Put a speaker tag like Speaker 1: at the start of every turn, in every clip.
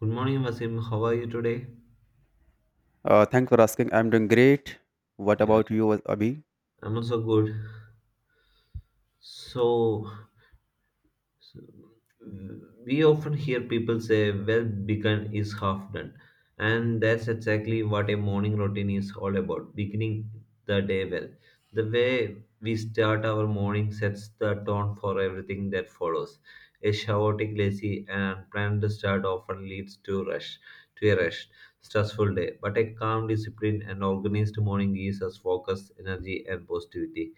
Speaker 1: Good morning, Vasim. How are you today?
Speaker 2: Thanks for asking. I'm doing great. What
Speaker 1: Yeah,
Speaker 2: about you, Abhi?
Speaker 1: I'm also good. So, So, uh, we often hear people say, well, begun is half done. And that's exactly what a morning routine is all about beginning the day well. The way we start our morning sets the tone for everything that follows. A chaotic, lazy, and unplanned start often leads to a rushed, stressful day. But a calm, disciplined, and organized morning gives us focus, energy, and positivity.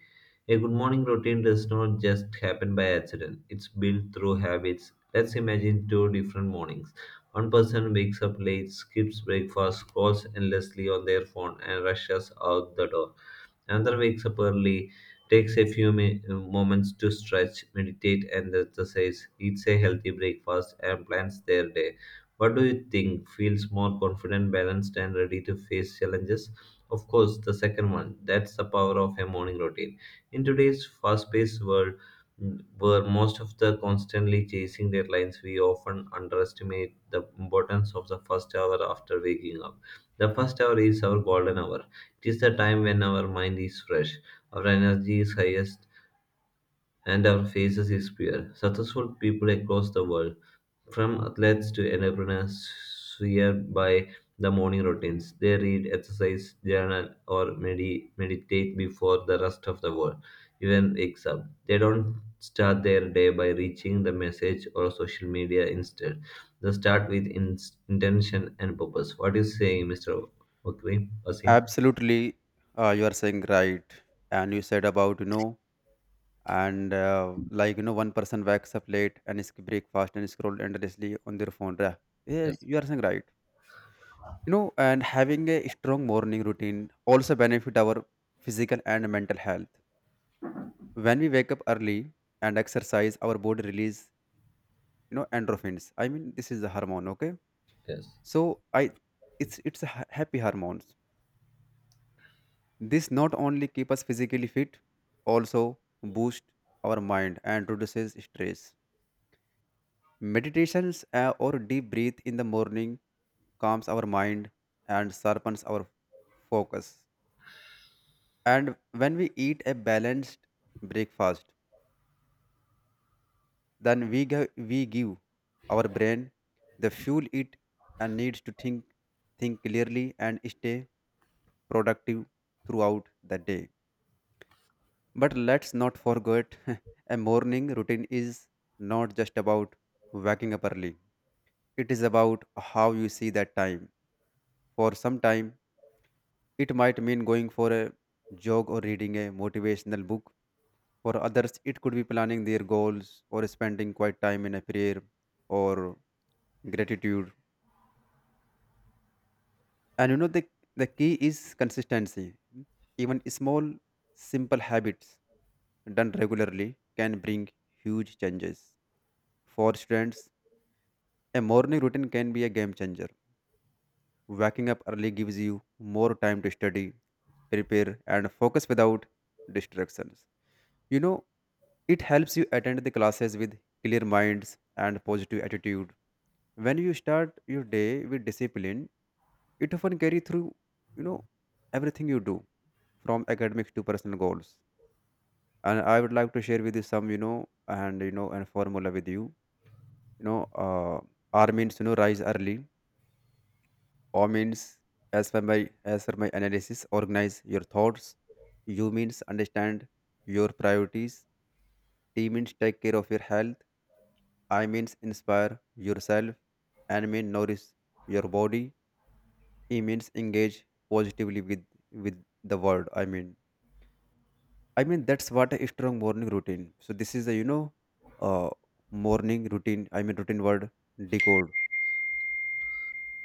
Speaker 1: A good morning routine does not just happen by accident, it's built through habits. Let's imagine two different mornings. One person wakes up late, skips breakfast, scrolls endlessly on their phone, and rushes out the door. Another wakes up early, takes a few moments to stretch, meditate, and exercise, eats a healthy breakfast, and plans their day. What do you think? Feels more confident, balanced, and ready to face challenges? Of course, the second one. That's the power of a morning routine. In today's fast paced world, where most of the constantly chasing deadlines, we often underestimate the importance of the first hour after waking up. The first hour is our golden hour, it is the time when our mind is fresh, our energy is highest, and our faces is pure. Successful people across the world, from athletes to entrepreneurs, swear by the morning routines. They read, exercise, journal, or meditate before the rest of the world even wakes up. They don't start their day by reaching the message or social media instead. They start with intention and purpose. What is saying, Mr. Wakri? Wasim?
Speaker 2: Absolutely, you are saying right. And you said about, you know, one person wakes up late and skip breakfast and scroll endlessly on their phone. Yeah, yeah,
Speaker 1: Yes.
Speaker 2: you are saying right. You know, and having a strong morning routine also benefit our physical and mental health. When we wake up early and exercise, our body release, you know, endorphins. I mean, this is a hormone, okay?
Speaker 1: Yes.
Speaker 2: So I, it's a happy hormone. This not only keep us physically fit, also boost our mind and reduces stress. Meditations or deep breath in the morning calms our mind and sharpens our focus. And when we eat a balanced breakfast, then we give our brain the fuel it and needs to think clearly and stay productive throughout the day. But let's not forget a morning routine is not just about waking up early. It is about how you see that time. For some time, it might mean going for a jog or reading a motivational book. For others, it could be planning their goals or spending quiet time in a prayer or gratitude. And you know, the key is consistency. Even small, simple habits done regularly can bring huge changes. For students, a morning routine can be a game changer. Waking up early gives you more time to study, prepare, and focus without distractions. You know, it helps you attend the classes with clear minds and positive attitude. When you start your day with discipline, it often carry through, you know, everything you do, from academics to personal goals. And I would like to share with you some, you know, and formula with you. You know, R means you know rise early. O means, as per my as per my analysis, organize your thoughts. U means understand your priorities. T means take care of your health. I means inspire yourself. N means nourish your body. E means engage positively with the world. I mean that's what a strong morning routine. So this is a you know, uh, morning routine. I mean routine word decode,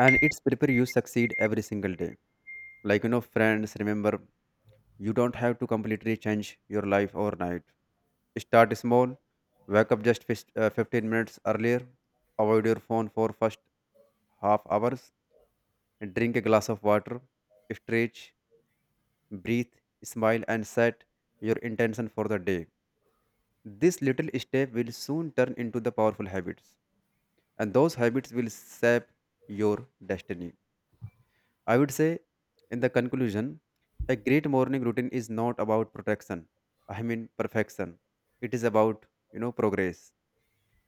Speaker 2: and it's prepare you succeed every single day. Like you know, friends remember, you don't have to completely change your life overnight. Start small. Wake up just 15 minutes earlier. Avoid your phone for first half hours. Drink a glass of water. Stretch, breathe, smile, and set your intention for the day. This little step will soon turn into the powerful habits, and those habits will shape your destiny. I would say, in the conclusion, a great morning routine is not about protection. I mean perfection. It is about you know progress.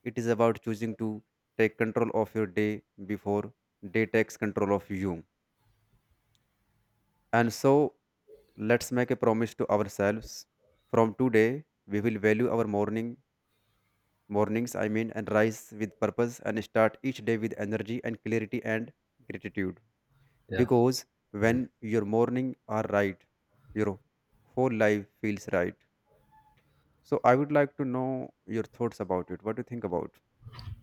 Speaker 2: It is about choosing to take control of your day before day takes control of you. And so, let's make a promise to ourselves. From today, we will value our mornings. I mean, and rise with purpose and start each day with energy and clarity and gratitude.
Speaker 1: Yeah,
Speaker 2: Because when your morning are right, your whole life feels right. So I would like to know your thoughts about it. What do you think about?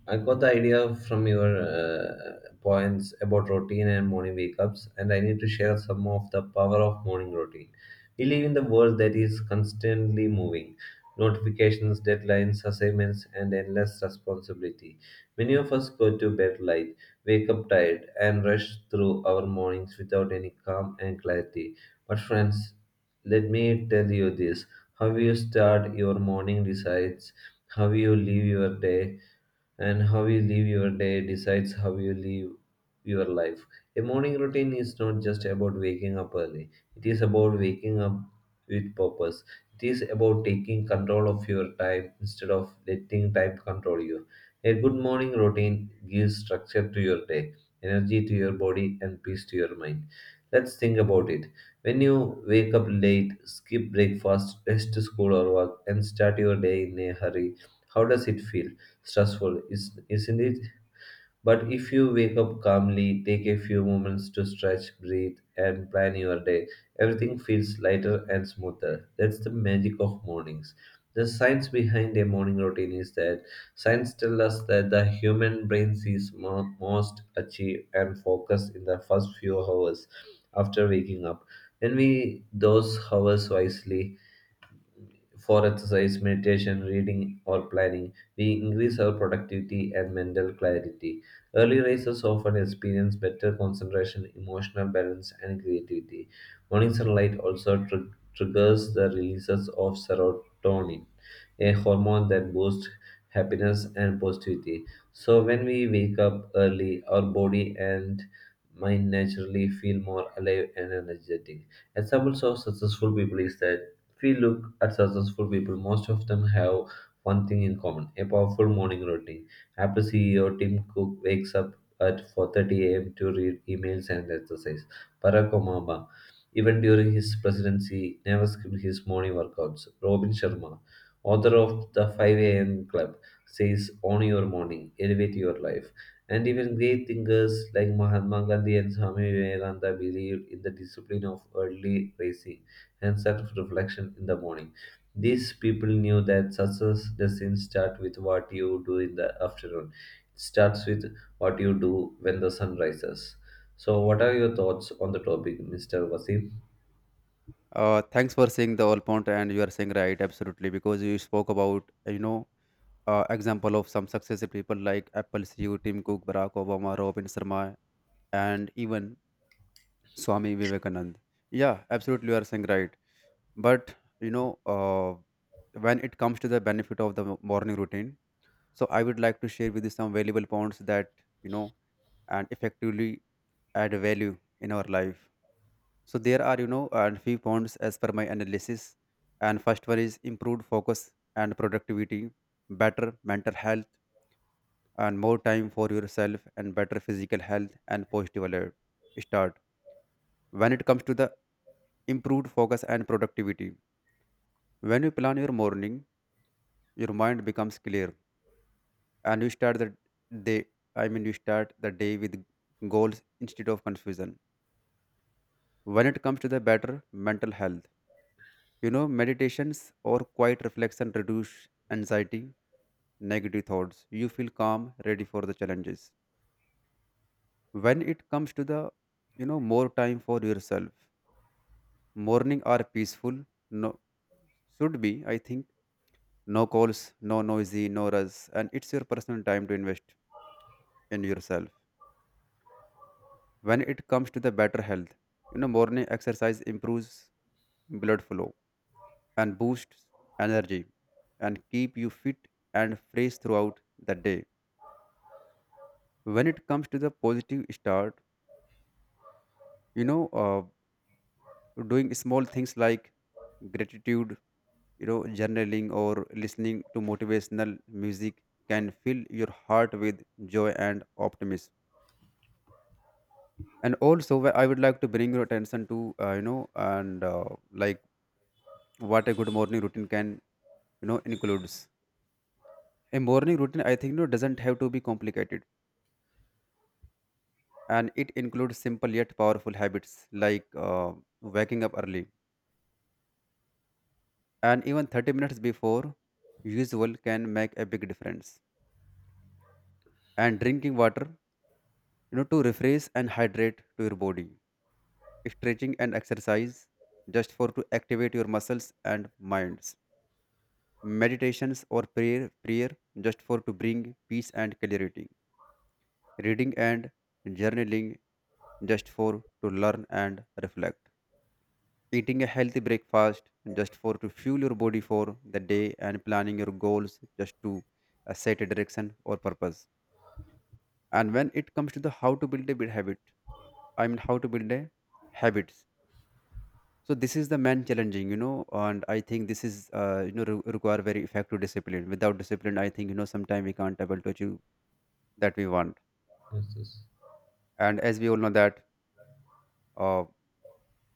Speaker 1: I got the idea from your points about routine and morning wake ups, and I need to share some of the power of morning routine. We live in the world that is constantly moving notifications, deadlines, assignments, and endless responsibility. Many of us go to bed late, wake up tired, and rush through our mornings without any calm and clarity. But, friends, let me tell you this, how you start your morning decides how you live your day, and how you live your day decides how you live your life. A morning routine is not just about waking up early, it is about waking up with purpose. It is about taking control of your time instead of letting time control you. A good morning routine gives structure to your day, energy to your body, and peace to your mind. Let's think about it. When you wake up late, skip breakfast, rush to school or work, and start your day in a hurry, how does it feel? Stressful, isn't it? But if you wake up calmly, take a few moments to stretch, breathe, and plan your day, everything feels lighter and smoother. That's the magic of mornings. The science behind a morning routine is that science tells us that the human brain sees most, achieve, and focus in the first few hours after waking up. When we those hours wisely, for exercise, meditation, reading, or planning, we increase our productivity and mental clarity. Early risers often experience better concentration, emotional balance, and creativity. Morning sunlight also triggers the releases of serotonin, a hormone that boosts happiness and positivity. So, when we wake up early, our body and mind naturally feel more alive and energetic. Examples of successful people is that if we look at successful people, most of them have one thing in common: a powerful morning routine. Apple CEO Tim Cook wakes up at 4:30 a.m. to read emails and exercise. Barack Obama, even during his presidency, never skipped his morning workouts. Robin Sharma, author of the 5 a.m. Club, says, "Own your morning, elevate your life." And even great thinkers like Mahatma Gandhi and Swami Vivekananda believed in the discipline of early rising and self reflection in the morning. These people knew that success doesn't start with what you do in the afternoon, it starts with what you do when the sun rises. So, what are your thoughts on the topic, Mr. Wasim?
Speaker 2: Thanks for saying the all point and you are saying right absolutely because you spoke about you know example of some successful people like Apple CEO Tim Cook, Barack Obama, Robin Sharma, and even Swami Vivekanand. Yeah, absolutely you are saying right. But you know, when it comes to the benefit of the morning routine, so I would like to share with you some valuable points that you know and effectively add value in our life. So there are you know and few points as per my analysis. And first one is improved focus and productivity, better mental health, and more time for yourself, and better physical health and positive alert start. When it comes to the improved focus and productivity, when you plan your morning, your mind becomes clear and you start the day, I mean you start the day with goals instead of confusion. When it comes to the better mental health, you know meditations or quiet reflection reduce anxiety, negative thoughts. You feel calm ready for the challenges. When it comes to the, you know, more time for yourself, morning are peaceful. No, should be I think, no calls, no noisy, no rush, and it's your personal time to invest in yourself. When it comes to the better health, you know morning exercise improves blood flow and boosts energy and keep you fit and fresh throughout the day. When it comes to the positive start, you know, doing small things like gratitude, you know journaling or listening to motivational music can fill your heart with joy and optimism. And also I would like to bring your attention to you know and like what a good morning routine can you know includes. A morning routine I think no doesn't have to be complicated, and it includes simple yet powerful habits like waking up early, and even 30 minutes before usual can make a big difference, and drinking water you know to refresh and hydrate to your body, stretching and exercise just for to activate your muscles and minds, meditations or prayer just for to bring peace and clarity, reading and journaling just for to learn and reflect, eating a healthy breakfast just for to fuel your body for the day, and planning your goals just to set a direction or purpose. And when it comes to the how to build a bit habit, I mean how to build a habits. So this is the man challenging, you know, and I think this is you know require very effective discipline. Without discipline, I think you know sometimes we can't able to achieve that we want.
Speaker 1: Yes, yes,
Speaker 2: And as we all know that. uh,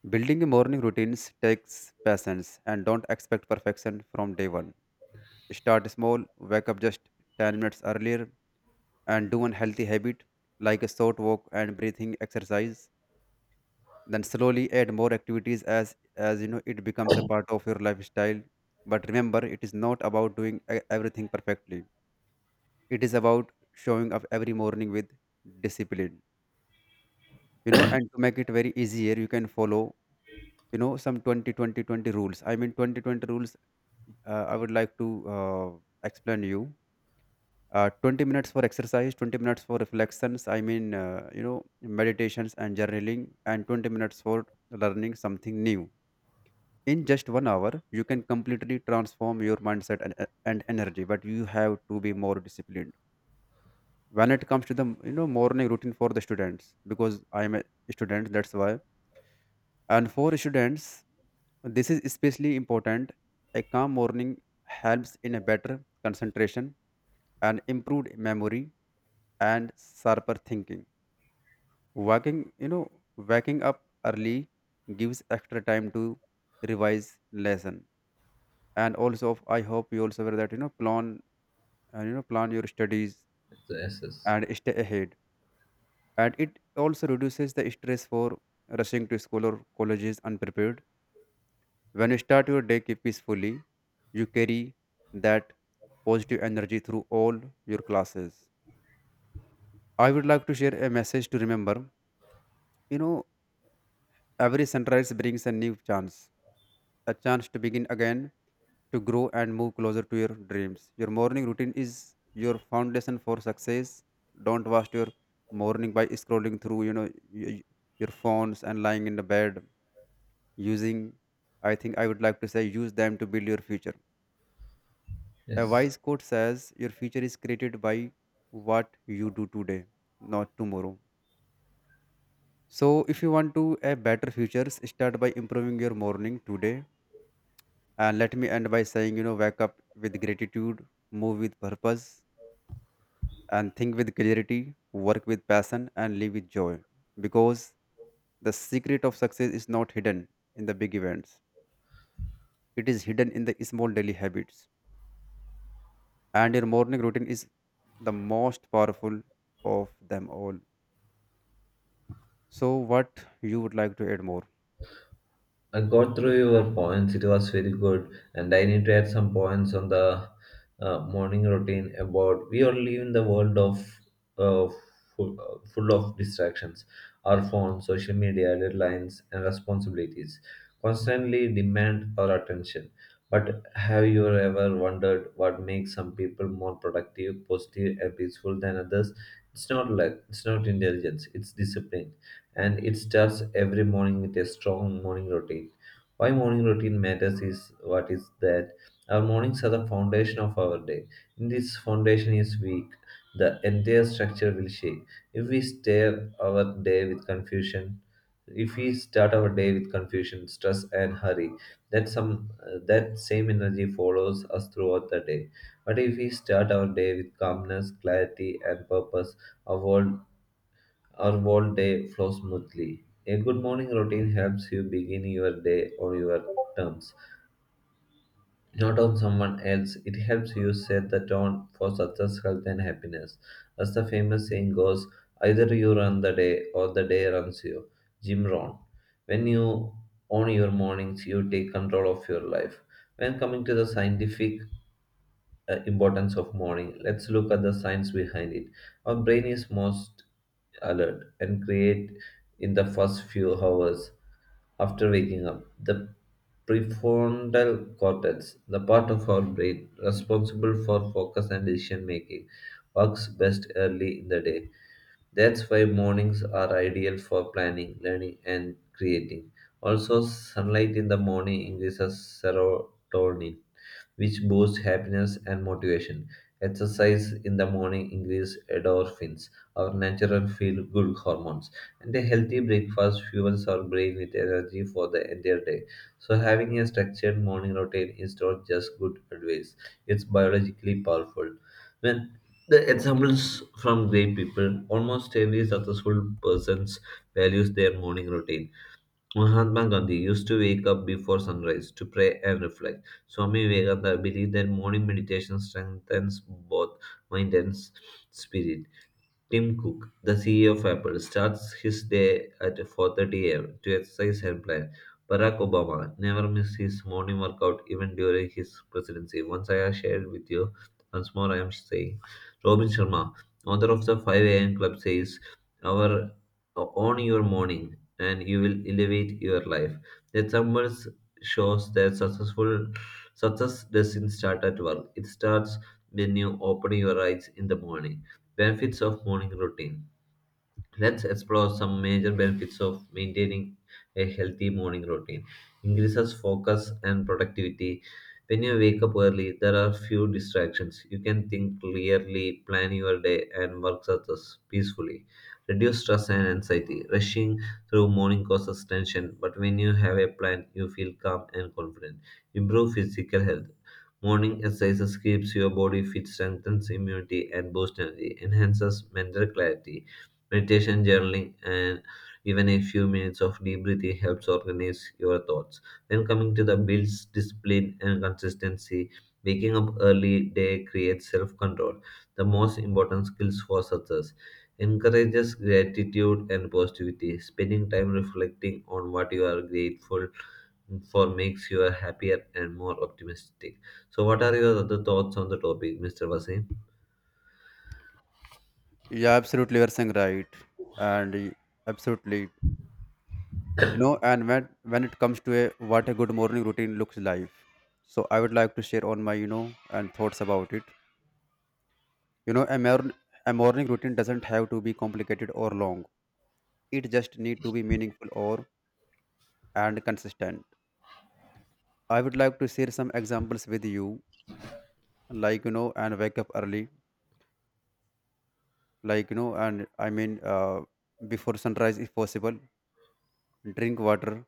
Speaker 2: Building a morning routine takes patience and don't expect perfection from day one. Start small, wake up just 10 minutes earlier, and do one healthy habit like a short walk and breathing exercise. Then slowly add more activities as you know it becomes a part of your lifestyle. But remember, it is not about doing everything perfectly. It is about showing up every morning with discipline. You know, and to make it very easier, you can follow you know some 20-20-20 rules, I mean 20-20 rules. I would like to explain you. 20 minutes for exercise, 20 minutes for reflections, I mean, you know, meditations and journaling, and 20 minutes for learning something new. In just 1 hour, you can completely transform your mindset and energy, but you have to be more disciplined. When it comes to the, you know, morning routine for the students, because I'm a student, that's why. And for students, this is especially important. A calm morning helps in a better concentration and improved memory and sharper thinking. Waking, you know, waking up early gives extra time to revise lesson. And also, I hope you also aware that you know plan and you know plan your studies
Speaker 1: yes. Yes.
Speaker 2: and stay ahead. And it also reduces the stress for rushing to school or colleges unprepared. When you start your day peacefully, you carry that positive energy through all your classes. I would like to share a message to remember. You know, every sunrise brings a new chance, a chance to begin again, to grow and move closer to your dreams. Your morning routine is your foundation for success. Don't waste your morning by scrolling through, you know, y- y- your phones and lying in the bed using, I think I would like to say use them to build your future. A
Speaker 1: Yes.
Speaker 2: wise quote says your future is created by what you do today, not tomorrow. So if you want to a better future, start by improving your morning today. And let me end by saying, you know, wake up with gratitude, move with purpose, and think with clarity, work with passion, and live with joy. Because the secret of success is not hidden in the big events, it is hidden in the small daily habits. And your morning routine is the most powerful of them all. So, what you would like to add more?
Speaker 1: I got through your points. It was very good, and I need to add some points on the morning routine. About we all live in the world of uh, full of distractions, our phones, social media, deadlines, and responsibilities constantly demand our attention. But have you ever wondered what makes some people more productive, positive, and peaceful than others? It's not luck. It's not intelligence. It's discipline, and it starts every morning with a strong morning routine. Why morning routine matters is what is that our mornings are the foundation of our day. If this foundation is weak, the entire structure will shake. If we start our day with confusion, If we start our day with confusion, stress, and hurry, that same energy follows us throughout the day. But if we start our day with calmness, clarity, and purpose, our world our whole day flows smoothly. A good morning routine helps you begin your day on your terms, not on someone else. It helps you set the tone for success, health, and happiness. As the famous saying goes, either you run the day or the day runs you. Jim Rohn. When you own your mornings, you take control of your life. When coming to the scientific importance of morning. Let's look at the science behind it. Our brain is most alert and create in the first few hours after waking up. The prefrontal cortex, the part of our brain responsible for focus and decision making, works best early in the day. That's why mornings are ideal for planning, learning, and creating. Also, sunlight in the morning increases serotonin, which boosts happiness and motivation. Exercise in the morning increases endorphins, our natural feel good hormones, and a healthy breakfast fuels our brain with energy for the entire day. So, having a structured morning routine is not just good advice, it's biologically powerful. When the examples from great people, almost every successful person values their morning routine. Mahatma Gandhi used to wake up before sunrise to pray and reflect. Swami Vivekananda believed that morning meditation strengthens both mind and spirit. Tim Cook, the CEO of Apple, starts his day at 4:30 a.m. to exercise and plan. Barack Obama never missed his morning workout even during his presidency. Once I have shared with you, once more I am saying. Robin Sharma, author of the 5 a.m. Club, says, "Our own your morning, and you will elevate your life." The numbers shows that success doesn't start at work. It starts when you open your eyes in the morning. Benefits of morning routine. Let's explore some major benefits of maintaining a healthy morning routine. Increases focus and productivity. When you wake up early, there are few distractions. You can think clearly, plan your day, and work success peacefully. Reduce stress and anxiety. Rushing through morning causes tension, but when you have a plan, you feel calm and confident. Improve physical health. Morning exercises keeps your body fit, strengthens immunity, and boosts energy. Enhances mental clarity. Meditation, journaling, and even a few minutes of deep breathing helps organize your thoughts. When coming to the builds discipline and consistency, waking up early day creates self-control, the most important skills for success. Encourages gratitude and positivity. Spending time reflecting on what you are grateful for makes you happier and more optimistic. So, what are your other thoughts on the topic, Mr. Vasim?
Speaker 2: Yeah, absolutely, you are saying right, and y- absolutely you know and when it comes to a good morning routine looks like, so I would like to share on my you know and thoughts about it. you know a, mor- a morning routine doesn't have to be complicated or long, it just need to be meaningful or and consistent. I would like to share some examples with you. Like you know and Wake up early, like you know and I mean before sunrise if possible. Drink water,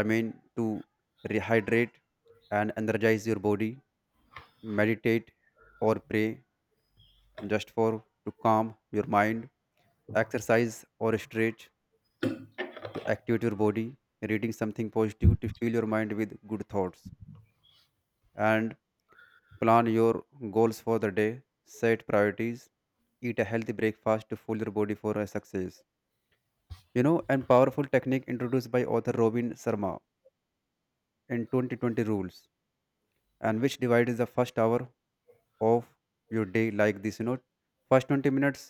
Speaker 2: i mean to rehydrate and energize your body. Meditate or pray, just for to calm your mind. Exercise or stretch to activate your body. Reading something positive to fill your mind with good thoughts, and plan your goals for the day, set priorities. Eat a healthy breakfast to fuel your body for a success. You know and powerful technique introduced by author Robin Sharma, in 2020 rules, and which divides the first hour of your day like this. First 20 minutes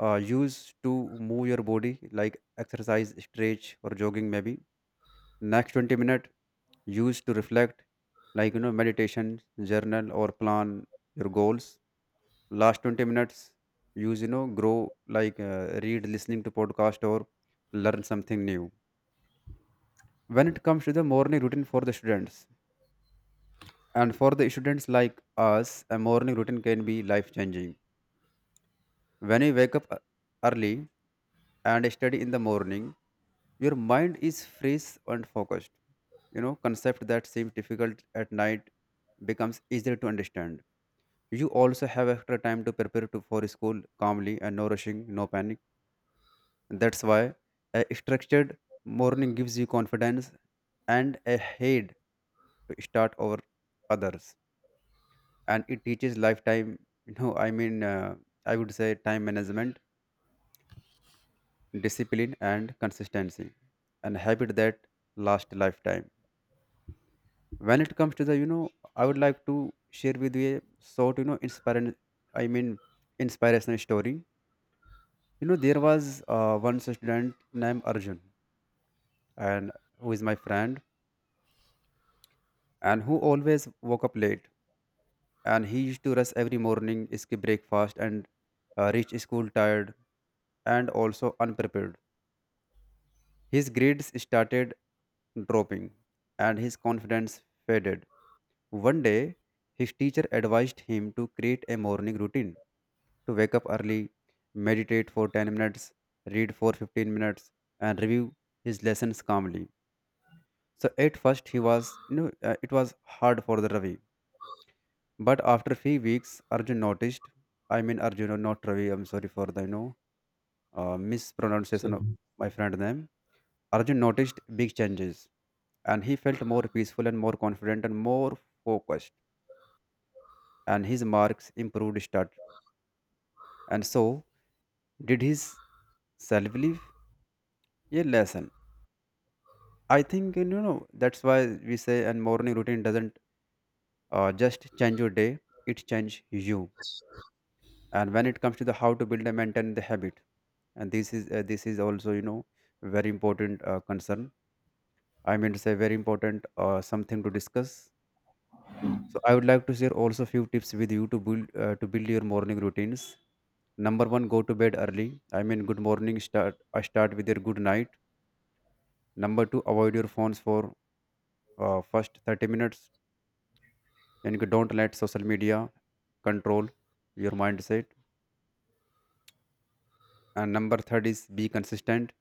Speaker 2: use to move your body, like exercise, stretch, or jogging maybe. Next 20-minute use to reflect, like meditation, journal, or plan your goals. Last 20 minutes use you know grow, like read, listening to podcast, or learn something new. When it comes to the morning routine for the students, and for the students like us, a morning routine can be life changing. When you wake up early and study in the morning, your mind is fresh and focused. You know, concept that seems difficult at night becomes easier to understand. You also have extra time to prepare for school calmly, and no rushing, no panic. That's why a structured morning gives you confidence and a head to start over others. And it teaches lifetime, you know, I mean, uh, I would say time management, discipline, and consistency, and habit that last lifetime. When it comes to the, I would like to share with you a sort you know inspiring, i mean inspirational story. You know, there was one student named Arjun, and who is my friend, and who always woke up late. And he used to rush every morning, skip breakfast, and reach school tired and also unprepared. His grades started dropping and his confidence faded. One day, his teacher advised him to create a morning routine, to wake up early, meditate for 10 minutes, read for 15 minutes, and review his lessons calmly. So at first he was, it was hard for the Ravi. But after few weeks, Arjun noticed. I mean, Arjun, not Ravi. I'm sorry for the
Speaker 1: So
Speaker 2: mispronunciation of my friend name. Arjun noticed big changes, and he felt more peaceful and more confident and more focused. And his marks improved. Start and so did his self-belief. Yeah, lesson, I think, that's why we say and morning routine doesn't just change your day, it change you. And when it comes to the how to build and maintain the habit, and this is also, you know, very important concern, I mean to say very important something to discuss. So I would like to share also few tips with you to build your morning routines. Number one, go to bed early. I mean, good morning start, I start with your good night. Number two, avoid your phones for first 30 minutes, and you don't let social media control your mindset. And number third is, be consistent.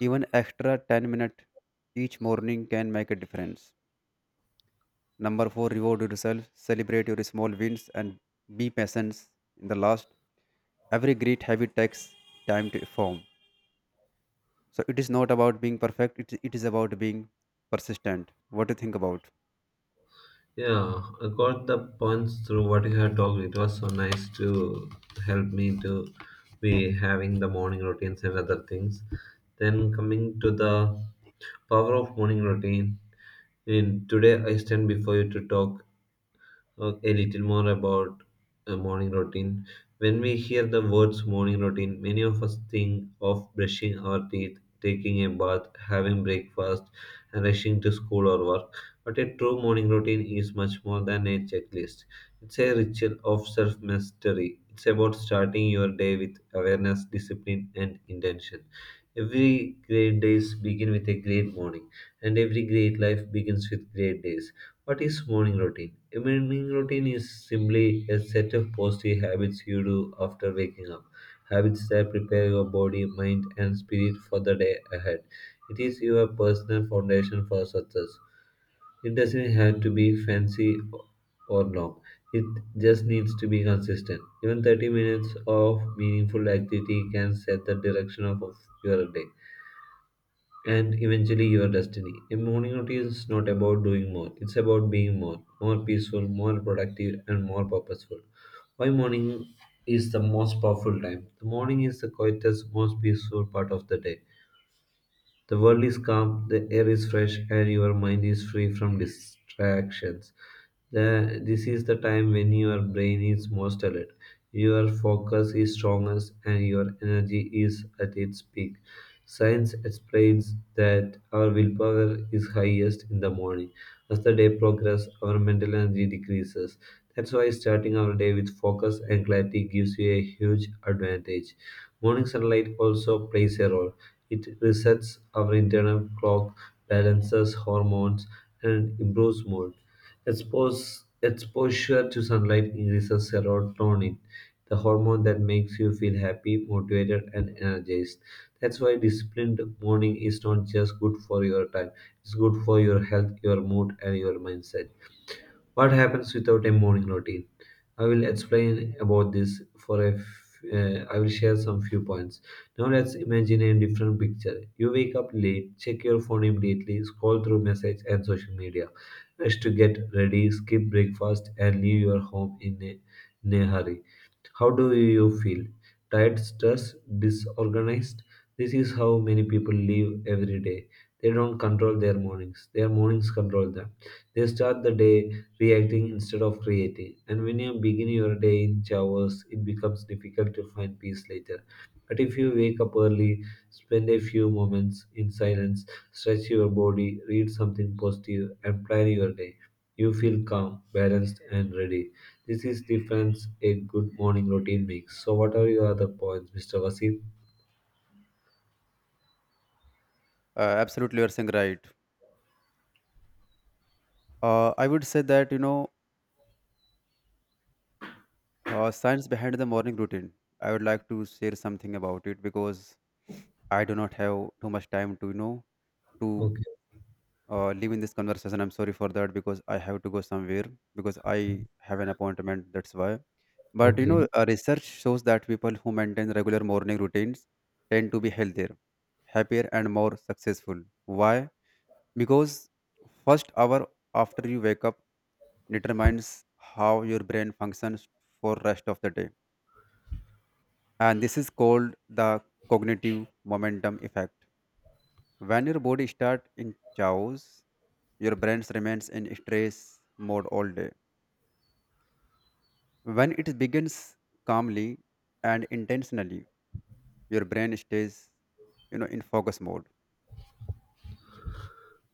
Speaker 2: Even extra 10 minutes each morning can make a difference. Number four, reward yourself, celebrate your small wins, and be patient. In the last, every great habit takes time to form. So it is not about being perfect, it is about being persistent. What do you think about?
Speaker 1: Yeah, I got the punch through what you had talked. It was so nice to help me to be having the morning routines and other things. Then coming to the power of morning routine. In today, I stand before you to talk a little more about a morning routine. When we hear the words morning routine, many of us think of brushing our teeth, taking a bath, having breakfast, and rushing to school or work. But a true morning routine is much more than a checklist. It's a ritual of self mastery. It's about starting your day with awareness, discipline, and intention. Every great days begin with a great morning, and every great life begins with great days. What is morning routine? A morning routine is simply a set of positive habits you do after waking up. Habits that prepare your body, mind, and spirit for the day ahead. It is your personal foundation for success. It doesn't have to be fancy or long. It just needs to be consistent. Even 30 minutes of meaningful activity can set the direction of your day and eventually your destiny. A morning routine is not about doing more, it's about being more, more peaceful, more productive, and more purposeful. Why morning is the most powerful time? The morning is the quietest, most peaceful part of the day. The world is calm, the air is fresh, and your mind is free from distractions. This is the time when your brain is most alert, your focus is strongest, and your energy is at its peak. Science explains that our willpower is highest in the morning. As the day progresses, our mental energy decreases. That's why starting our day with focus and clarity gives you a huge advantage. Morning sunlight also plays a role. It resets our internal clock, balances hormones, and improves mood. Exposure to sunlight increases serotonin, the hormone that makes you feel happy, motivated, and energized. That's why disciplined morning is not just good for your time, it's good for your health, your mood, and your mindset. What happens without a morning routine? I will explain about this for a I will share some few points. Now let's imagine a different picture. You wake up late, check your phone immediately, scroll through message and social media, rush to get ready, skip breakfast, and leave your home in a hurry. How do you feel? Tired, stressed, disorganized? This is how many people live every day. They don't control their mornings. Their mornings control them. They start the day reacting instead of creating. And when you begin your day in showers, it becomes difficult to find peace later. But if you wake up early, spend a few moments in silence, stretch your body, read something positive, and plan your day. You feel calm, balanced, and ready. This is difference a good morning routine makes. So, what are your other points, Mr. Vasim?
Speaker 2: Absolutely, you're saying right. I would say that, you know, science behind the morning routine. I would like to share something about it because I do not have too much time to, to
Speaker 1: Okay,
Speaker 2: live in this conversation. I'm sorry for that, because I have to go somewhere, because I have an appointment. That's why. But you
Speaker 1: okay,
Speaker 2: know, research shows that people who maintain regular morning routines tend to be healthier, happier, and more successful. Why? Because first hour after you wake up determines how your brain functions for rest of the day, and this is called the cognitive momentum effect. When your body starts in chaos, your brain remains in stress mode all day. When it begins calmly and intentionally, your brain stays, you know, in focus mode.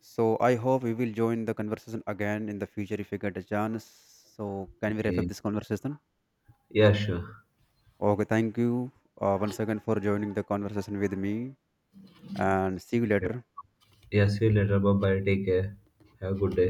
Speaker 2: So I hope we will join the conversation again in the future if we get a chance. So can we wrap up
Speaker 1: okay.
Speaker 2: this conversation?
Speaker 1: Yeah, sure.
Speaker 2: Okay, thank you once again for joining the conversation with me, and see you
Speaker 1: Okay.
Speaker 2: later.
Speaker 1: Yeah, see you later. Bye bye. Take care. Have a good day.